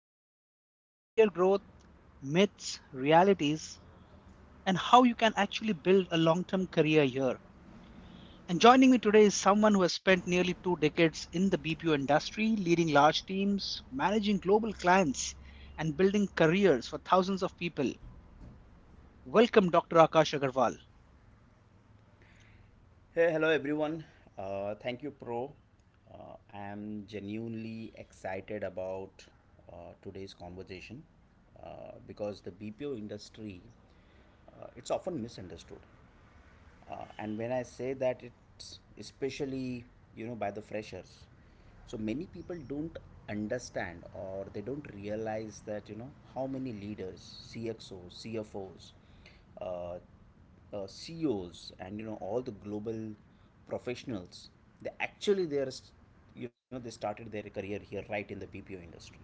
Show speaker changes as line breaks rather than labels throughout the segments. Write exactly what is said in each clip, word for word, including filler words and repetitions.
industry, career growth, myths, realities, and how you can actually build a long term career here. And joining me today is someone who has spent nearly two decades in the B P O industry, leading large teams, managing global clients, and building careers for thousands of people. Welcome, Doctor Akash Agarwal.
Hey, hello everyone. Uh, thank you, Pro. Uh, I am genuinely excited about uh, today's conversation uh, because the B P O industry, uh, it's often misunderstood, uh, and when I say that, it's especially, you know, by the freshers. So many people don't understand, or they don't realize that, you know, how many leaders, C X Os, C F Os, uh, uh, C E Os, and, you know, all the global professionals, they actually, they are, you know, they started their career here, right in the B P O industry.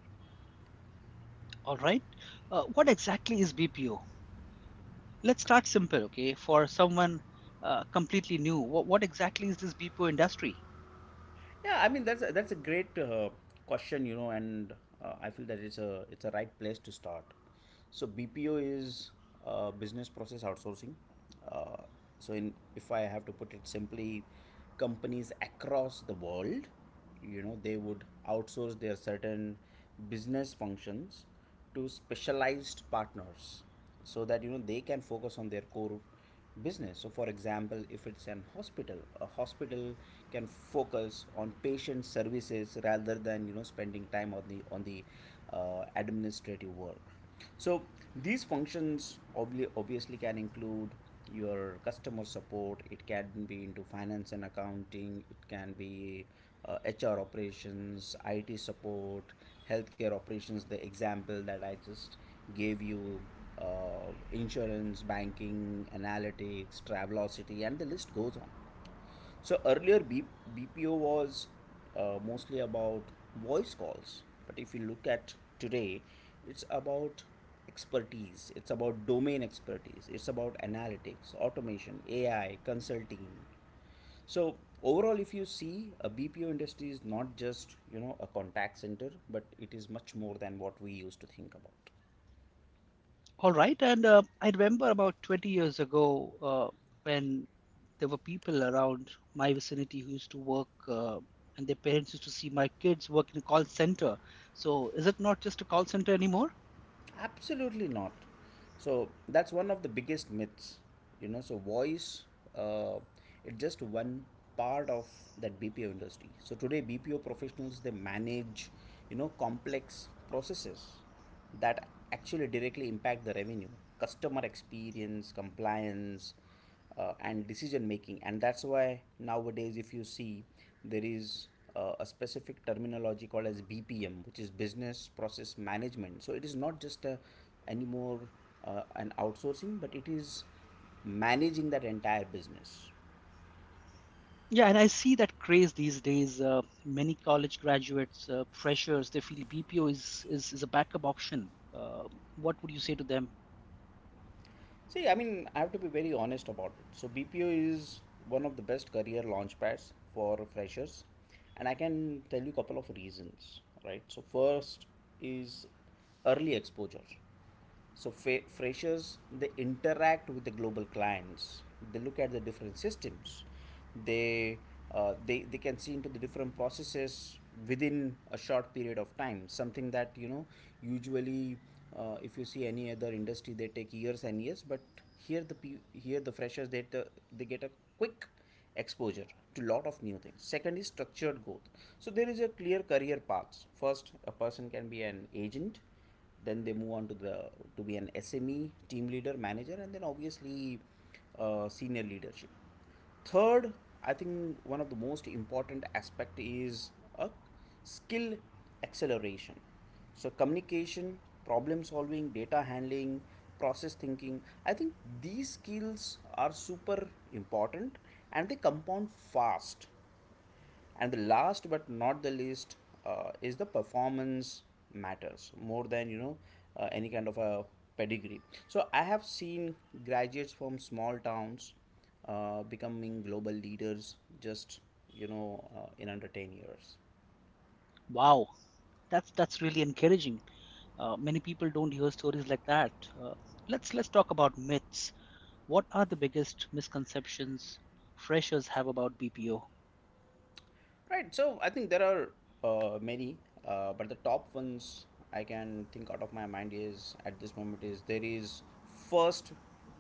All right. Uh, what exactly is B P O? Let's start simple, okay? For someone uh, completely new, what, what exactly is this B P O industry?
Yeah, I mean that's a, that's a great uh, question, you know, and uh, I feel that it's a it's a right place to start. So B P O is uh, business process outsourcing. Uh, so in if I have to put it simply, companies across the world, you know, they would outsource their certain business functions to specialized partners, so that, you know, they can focus on their core business. So for example, if it's an hospital, a hospital can focus on patient services rather than, you know, spending time on the on the uh, administrative work. So these functions obvi- obviously can include your customer support. It can be into finance and accounting. It can be uh, H R operations, I T support, healthcare operations, the example that I just gave you, uh, insurance, banking, analytics, Travelocity, and the list goes on. So earlier, B- BPO was uh, mostly about voice calls, but if you look at today, it's about expertise, it's about domain expertise, it's about analytics, automation, A I, consulting. So overall, if you see, a B P O industry is not just, you know, a contact center, but it is much more than what we used to think about.
All right, and uh, I remember about twenty years ago uh, when there were people around my vicinity who used to work, uh, and their parents used to see my kids work in a call center. So, is it not just a call center anymore?
Absolutely not. So that's one of the biggest myths, you know. So voice, uh, it's just one part of that B P O industry. So today, B P O professionals, they manage, you know, complex processes that actually directly impact the revenue, customer experience, compliance, uh, and decision making. And that's why nowadays, if you see, there is uh, a specific terminology called as bpm, which is business process management. So it is not just a anymore, uh, an outsourcing, but it is managing that entire business.
Yeah, and I see that craze these days. Uh, many college graduates, uh, freshers, they feel B P O is is, is a backup option. Uh, what would you say to them?
See, I mean, I have to be very honest about it. So B P O is one of the best career launch pads for freshers, and I can tell you a couple of reasons, right? So first is early exposure. So fa- freshers, they interact with the global clients, they look at the different systems, they uh, they they can see into the different processes within a short period of time, something that, you know, usually uh, if you see any other industry, they take years and years. But here, the pe- here the freshers, they t- they get a quick exposure to lot of new things. Second is structured growth. So there is a clear career paths. First a person can be an agent, then they move on to the to be an sme, team leader, manager, and then obviously uh, senior leadership. Third, I think one of the most important aspect is a skill acceleration. So communication, problem solving, data handling, process thinking. I think these skills are super important, and they compound fast. And the last but not the least uh, is the performance matters more than, you know, uh, any kind of a pedigree. So I have seen graduates from small towns uh, becoming global leaders just, you know, uh, in under ten years.
Wow, that's that's really encouraging. Uh, many people don't hear stories like that. Uh, let's let's talk about myths. What are the biggest misconceptions freshers have about B P O?
Right. So I think there are uh, many, uh, but the top ones I can think out of my mind is at this moment is there is first,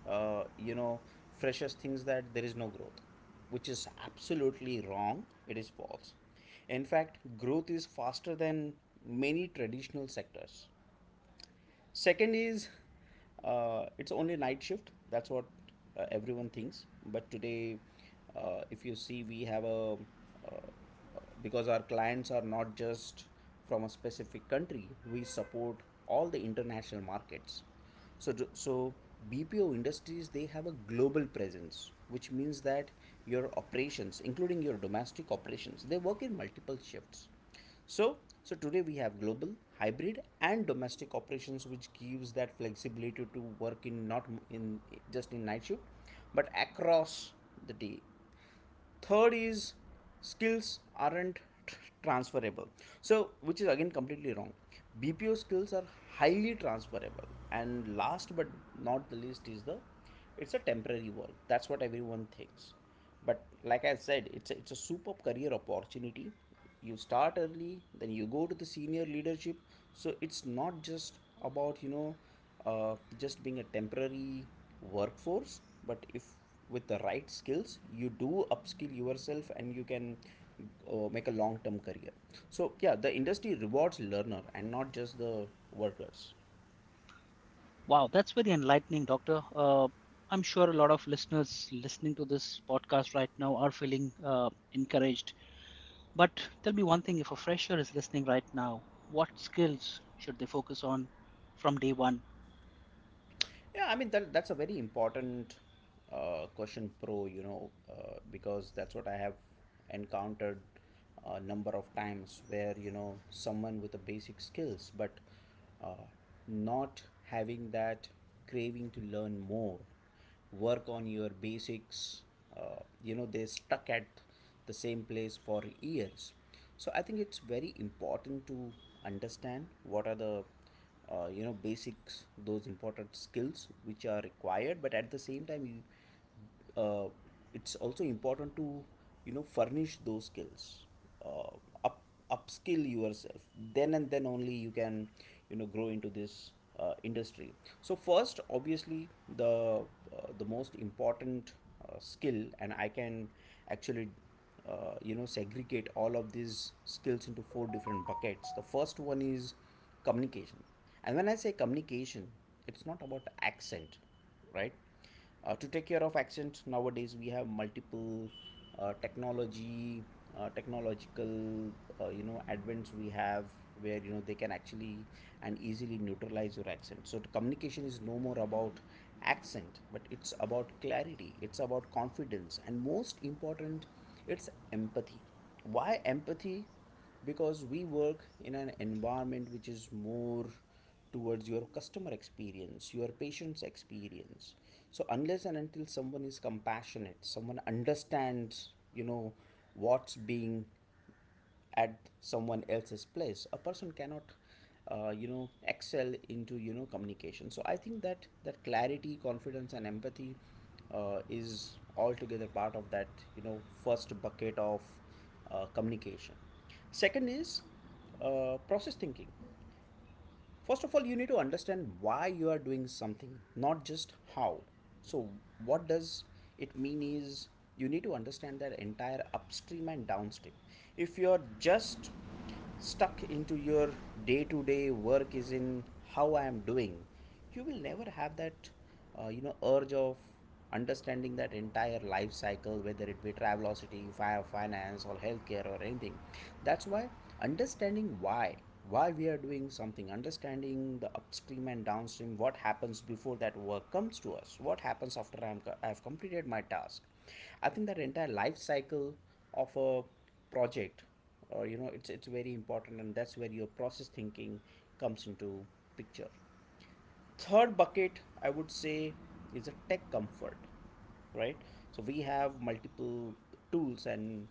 uh, you know, freshest things that there is no growth, which is absolutely wrong. It is false. In fact, growth is faster than many traditional sectors. Second is uh, it's only night shift. That's what uh, everyone thinks. But today, uh, if you see, we have a uh, because our clients are not just from a specific country. We support all the international markets. So to- so B P O industries, they have a global presence, which means that your operations, including your domestic operations, they work in multiple shifts. So, so today we have global, hybrid, and domestic operations, which gives that flexibility to work in not in just in night shift, but across the day. Third is skills aren't transferable. So, which is again completely wrong. B P O skills are highly transferable. And last but not the least is the it's a temporary world. That's what everyone thinks. But like I said, it's a, it's a superb career opportunity. You start early, then you go to the senior leadership. So it's not just about, you know, uh, just being a temporary workforce, but if with the right skills, you do upskill yourself, and you can uh, make a long term career. So yeah, the industry rewards learner and not just the workers.
Wow, that's very enlightening, Doctor. Uh, I'm sure a lot of listeners listening to this podcast right now are feeling uh, encouraged. But tell me one thing, if a fresher is listening right now, what skills should they focus on from day one?
Yeah, I mean that that's a very important uh, question, pro. You know, uh, because that's what I have encountered a number of times, where, you know, someone with the basic skills, but uh, not having that craving to learn more, work on your basics, uh, you know, they're stuck at the same place for years. So I think it's very important to understand what are the uh, you know basics, those important skills which are required, but at the same time, you uh, it's also important to, you know, furnish those skills, uh, up upskill yourself, then and then only you can, you know, grow into this uh, industry. So first obviously, the uh, the most important uh, skill, and I can actually uh, you know segregate all of these skills into four different buckets. The first one is communication. And when I say communication, it's not about accent, right? Uh, to take care of accent, nowadays we have multiple uh, technology uh, technological uh, you know advents we have, where, you know, they can actually and easily neutralize your accent. So communication is no more about accent, but it's about clarity, it's about confidence, and most important, it's empathy. Why empathy? Because we work in an environment which is more towards your customer experience, your patient's experience. So unless and until someone is compassionate, someone understands, you know, what's being at someone else's place, a person cannot, uh, you know, excel into, you know, communication. So I think that that clarity, confidence, and empathy uh, is altogether part of that, you know, first bucket of uh, communication. Second is uh, process thinking. First of all, you need to understand why you are doing something, not just how. So what does it mean is you need to understand that entire upstream and downstream. If you're just stuck into your day to day work, is in how I am doing, you will never have that uh, you know urge of understanding that entire life cycle, whether it be travelocity, fi- finance, or healthcare, or anything. That's why understanding why why we are doing something, understanding the upstream and downstream, what happens before that work comes to us, what happens after I'm, I've completed my task. I think that entire life cycle of a project or, you know, it's it's very important, and that's where your process thinking comes into picture. Third bucket, I would say, is a tech comfort, right? So we have multiple tools, and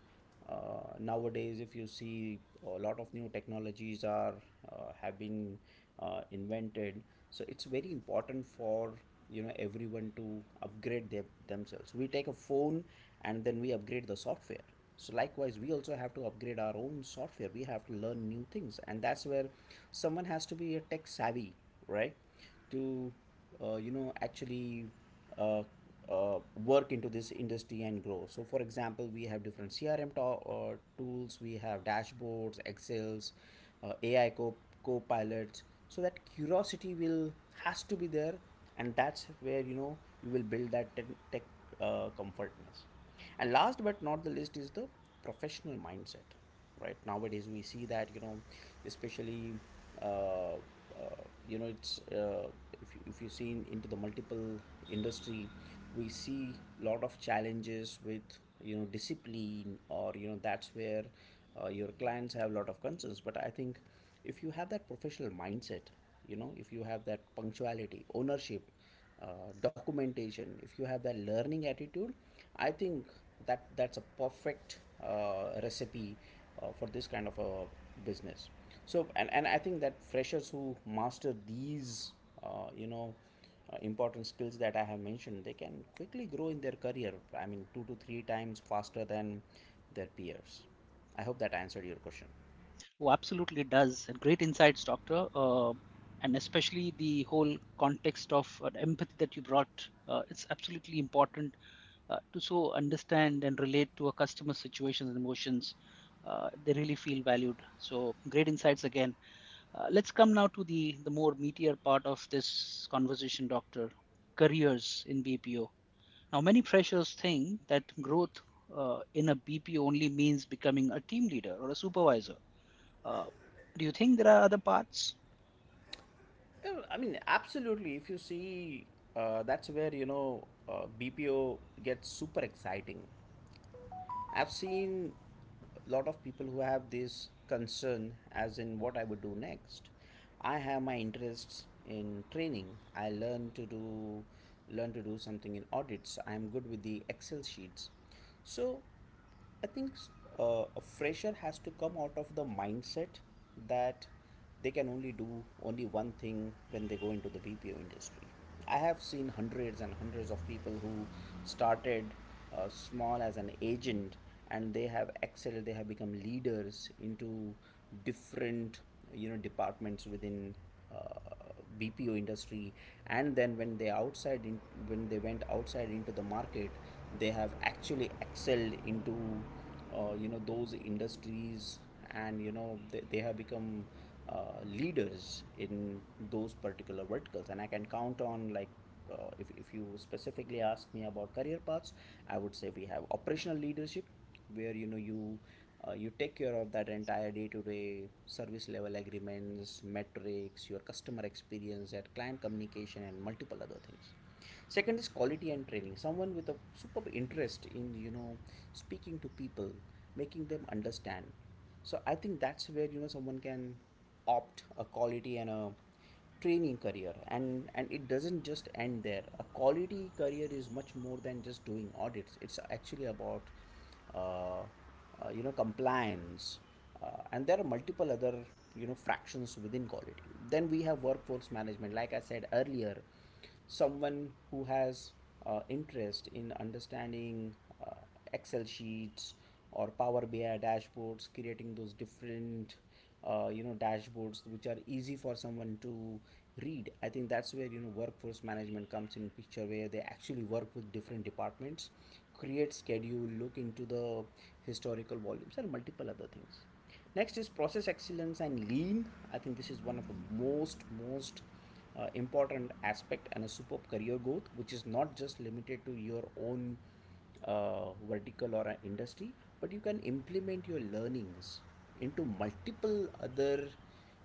uh, nowadays if you see, a lot of new technologies are uh, have been uh, invented. So it's very important for, you know, everyone to upgrade their, themselves. We take a phone and then we upgrade the software. So likewise, we also have to upgrade our own software, we have to learn new things. And that's where someone has to be a tech savvy, right? To uh, you know actually uh, uh, work into this industry and grow. So for example, we have different crm to- uh, tools, we have dashboards, excels, uh, ai co- co-pilots. So that curiosity will has to be there, and that's where, you know, you will build that tech, tech uh, comfortness. And last but not the least is the professional mindset, right? Nowadays we see that, you know, especially uh, uh, you know it's uh, if, you- if you see in- into the multiple industry, we see lot of challenges with, you know, discipline or, you know, that's where uh, your clients have a lot of concerns. But I think if you have that professional mindset, you know, if you have that punctuality, ownership, uh, documentation, if you have that learning attitude, I think that that's a perfect uh, recipe uh, for this kind of a business. So and, and I think that freshers who master these uh, you know uh, important skills that I have mentioned, they can quickly grow in their career, I mean two to three times faster than their peers. I hope that answered your question.
Oh, absolutely does. And great insights, Doctor. Uh, and especially the whole context of uh, empathy that you brought. Uh, it's absolutely important uh, to so understand and relate to a customer's situations and emotions. Uh, they really feel valued, so great insights again. Uh, let's come now to the the more meatier part of this conversation, doctor. Careers in BPO. Now many freshers think that growth uh, in a BPO only means becoming a team leader or a supervisor. uh, do you think there are other paths?
Yeah, I mean, absolutely. If you see, uh, that's where you know uh, B P O gets super exciting. I've seen a lot of people who have this concern, as in what I would do next. I have my interests in training. I learn to do Learn to do something in audits. I'm good with the Excel sheets. So I think uh, a fresher has to come out of the mindset that they can only do only one thing when they go into the B P O industry. I have seen hundreds and hundreds of people who started uh, small as an agent, and they have excelled, they have become leaders into different, you know, departments within uh, B P O industry. And then when they outside in, when they went outside into the market, they have actually excelled into uh, you know, those industries, and you know they, they have become uh, leaders in those particular verticals. And I can count on, like, uh, if if you specifically ask me about career paths, I would say we have operational leadership, where you know you uh, you take care of that entire day-to-day service level agreements, metrics, your customer experience, that client communication and multiple other things. Second is quality and training, someone with a superb interest in, you know, speaking to people, making them understand. So I think that's where, you know, someone can opt a quality and a training career. and and it doesn't just end there. A quality career is much more than just doing audits. It's actually about uh, uh, you know, compliance, uh, and there are multiple other, you know, fractions within quality. Then we have workforce management, like I said earlier, someone who has uh, interest in understanding uh, Excel sheets or Power BI dashboards, creating those different, uh, you know, dashboards which are easy for someone to read. I think that's where, you know, workforce management comes in picture, where they actually work with different departments, create schedule, look into the historical volumes and multiple other things. Next is process excellence and lean. I think this is one of the most most uh, important aspect, and a superb career growth which is not just limited to your own uh, vertical or an industry, but you can implement your learnings into multiple other,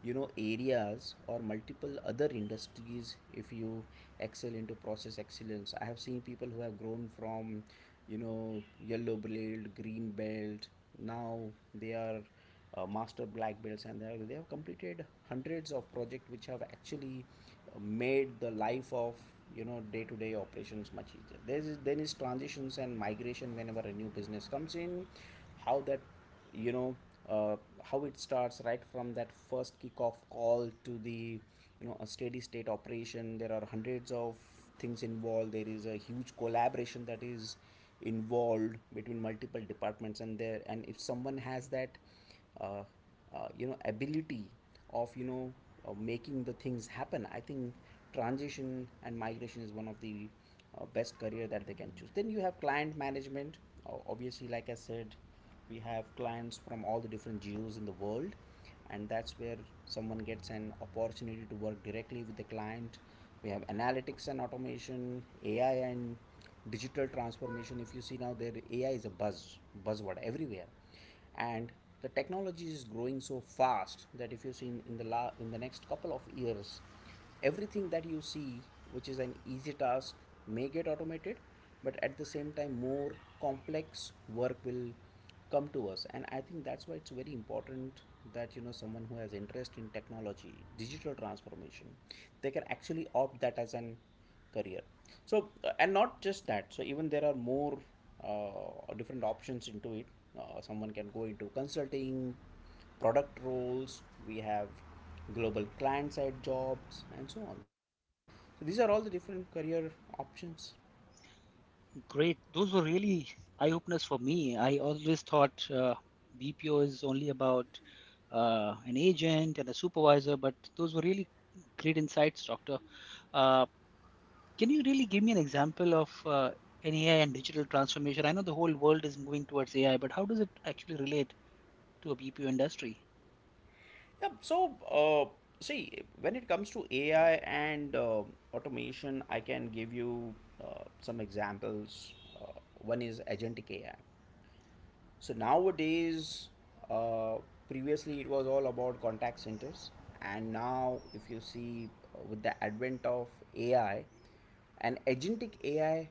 you know, areas or multiple other industries. If you excel into process excellence, I have seen people who have grown from, you know, yellow belt, green belt, now they are uh, master black belts, and they have, they have completed hundreds of projects which have actually uh, made the life of, you know, day-to-day operations much easier. There is then is transitions and migration. Whenever a new business comes in, how that, you know, uh, how it starts right from that first kickoff call to the, you know, a steady state operation, there are hundreds of things involved. There is a huge collaboration that is involved between multiple departments. And there and if someone has that uh, uh, you know, ability of, you know, uh, making the things happen, I think transition and migration is one of the uh, best career that they can choose. Then you have client management. O- obviously, like I said, we have clients from all the different geos in the world, and that's where someone gets an opportunity to work directly with the client. We have analytics and automation, AI and digital transformation. If you see, now there AI is a buzz buzzword everywhere. And the technology is growing so fast that if you see in, in the la- in the next couple of years, everything that you see which is an easy task may get automated, but at the same time more complex work will come to us. And I think that's why it's very important that, you know, someone who has interest in technology, digital transformation, they can actually opt that as an career. So uh, and not just that, so even there are more uh, different options into it. Uh, someone can go into consulting, product roles, we have global client side jobs and so on. So these are all the different career options.
Great, those were really eye openers for me. I always thought uh, BPO is only about uh, an agent and a supervisor, but those were really great insights, Doctor. Uh, can you really give me an example of uh, an A I and digital transformation? I know the whole world is moving towards A I, but how does it actually relate to a B P O industry?
Yeah, so uh, see, when it comes to AI and uh, automation, I can give you uh, some examples. uh, One is agentic AI. So nowadays, uh, previously it was all about contact centers, and now if you see uh, with the advent of A I, an agentic A I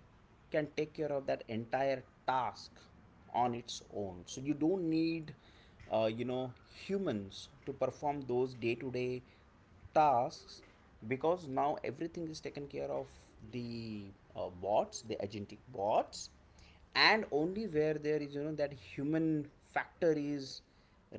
can take care of that entire task on its own. So you don't need, uh, you know, humans to perform those day-to-day tasks, because now everything is taken care of the uh, bots, the agentic bots, and only where there is, you know, that human factor is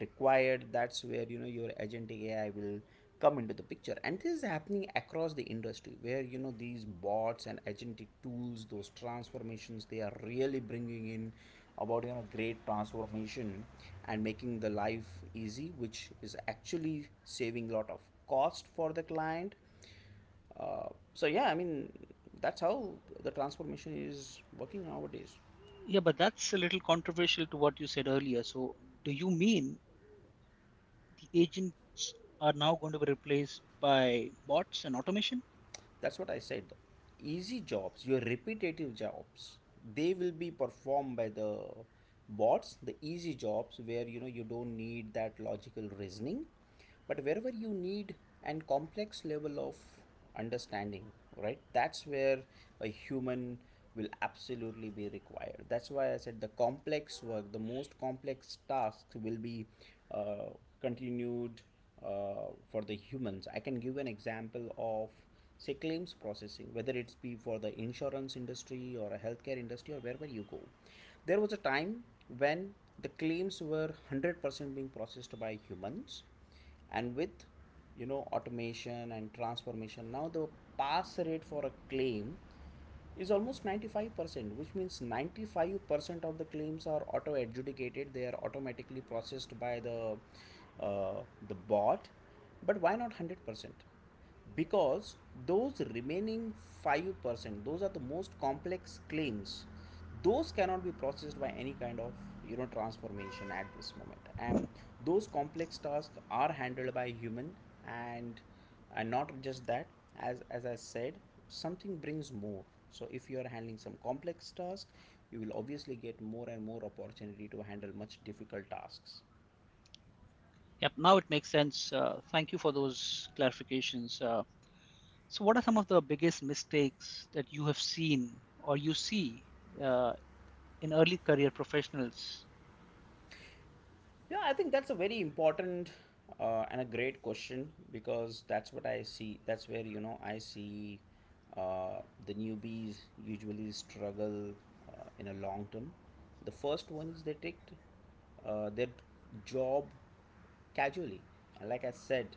required, that's where, you know, your agentic AI will come into the picture. And this is happening across the industry, where, you know, these bots and agentic tools, those transformations, they are really bringing in about, you know, great transformation and making the life easy, which is actually saving a lot of cost for the client. Uh, so yeah, I mean, that's how the transformation is working nowadays.
Yeah, but that's a little controversial to what you said earlier. So, do you mean the agents are now going to be replaced by bots and automation?
That's what I said, easy jobs, your repetitive jobs, they will be performed by the bots, the easy jobs where, you know, you don't need that logical reasoning. But wherever you need and complex level of understanding, right, that's where a human will absolutely be required. That's why I said the complex work, the most complex tasks will be uh, continued uh, for the humans. I can give an example of, say, claims processing. Whether it's be for the insurance industry or a healthcare industry or wherever you go, there was a time when the claims were one hundred percent being processed by humans. And with, you know, automation and transformation, now the pass rate for a claim is almost ninety-five percent, which means ninety-five percent of the claims are auto adjudicated, they are automatically processed by the uh, the bot. But why not one hundred percent? Because those remaining five percent, those are the most complex claims, those cannot be processed by any kind of, you know, transformation at this moment. And those complex tasks are handled by human. and and not just that, as as I said, something brings more. So if you are handling some complex task, you will obviously get more and more opportunity to handle much difficult tasks.
Yep, now it makes sense. Uh, thank you for those clarifications. Uh, So, what are some of the biggest mistakes that you have seen or you see uh, in early career professionals?
Yeah, I think that's a very important uh, and a great question, because that's what I see. That's where, you know, I see uh, the newbies usually struggle uh, in a long term. The first one is they take uh, their job casually. Like I said,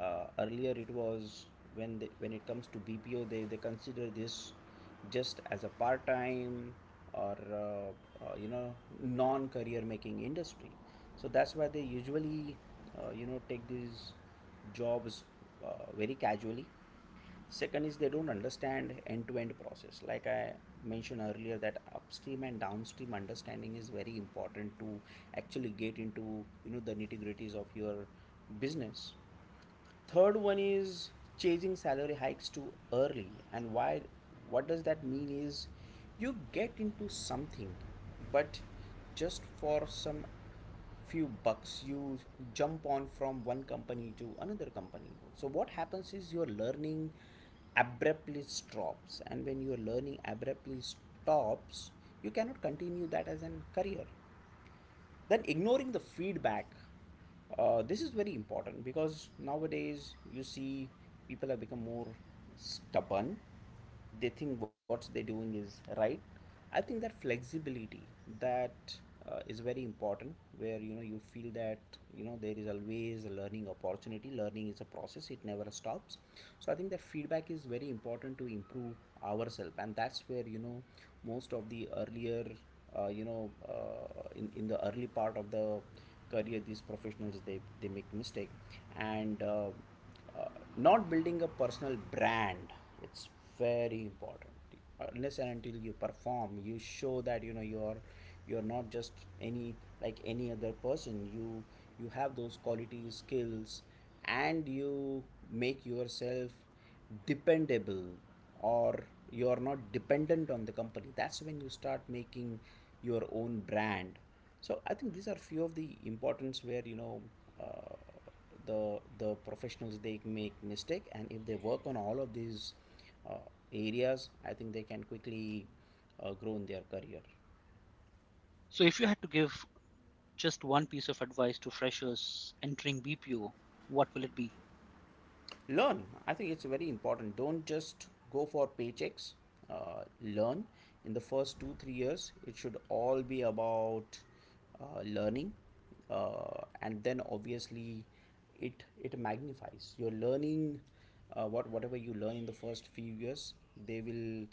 uh, earlier it was when they, when it comes to BPO, they, they consider this just as a part time or uh, uh, you know, non career making industry. So that's why they usually uh, you know, take these jobs uh, very casually. Second is they don't understand end-to-end process. Like I mentioned earlier, that upstream and downstream understanding is very important to actually get into, you know, the nitty-gritties of your business. Third one is chasing salary hikes too early, and why? What does that mean? Is you get into something, but just for some few bucks, you jump on from one company to another company. So what happens is your learning abruptly stops, and when your learning abruptly stops, you cannot continue that as a career. Then ignoring the feedback, uh, this is very important, because nowadays you see people have become more stubborn, they think what they're doing is right. I think that flexibility, that uh, is very important, where, you know, you feel that, you know, there is always a learning opportunity. Learning is a process, it never stops. So I think that feedback is very important to improve ourselves. And that's where, you know, most of the earlier, uh, you know, uh, in, in the early part of the career, these professionals they, they make mistake. And uh, uh, not building a personal brand. It's very important. Unless and until you perform, you show that, you know, you're you're not just any, like any other person, you you have those qualities, skills, and you make yourself dependable, or you are not dependent on the company. That's when you start making your own brand. So I think these are few of the importance where, you know, uh, the the professionals, they make mistake. And if they work on all of these uh, areas, I think they can quickly uh, grow in their career.
So, if you had to give just one piece of advice to freshers entering B P O, what will it be?
Learn. I think it's very important. Don't just go for paychecks. Uh, learn. In the first two three years, it should all be about uh, learning. Uh, and then obviously it it magnifies. You're learning uh, what whatever you learn in the first few years, they will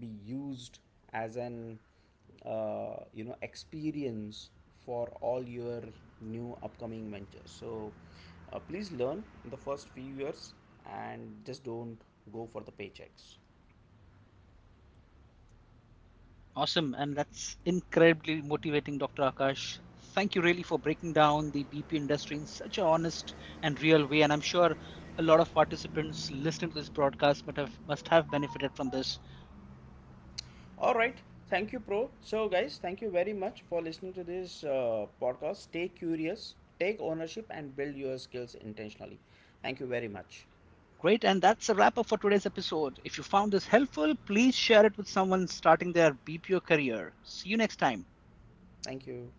be used as an uh, you know, experience for all your new upcoming ventures. So uh, please learn in the first few years, and just don't go for the paychecks.
Awesome. And that's incredibly motivating, Doctor Akash. Thank you really for breaking down the B P O industry in such an honest and real way. And I'm sure a lot of participants listening to this broadcast might have, must have benefited from this.
All right, thank you, Pro. So guys, thank you very much for listening to this uh, podcast. Stay curious, take ownership, and build your skills intentionally. Thank you very much.
Great. And that's a wrap up for today's episode. If you found this helpful, please share it with someone starting their B P O career. See you next time.
Thank you.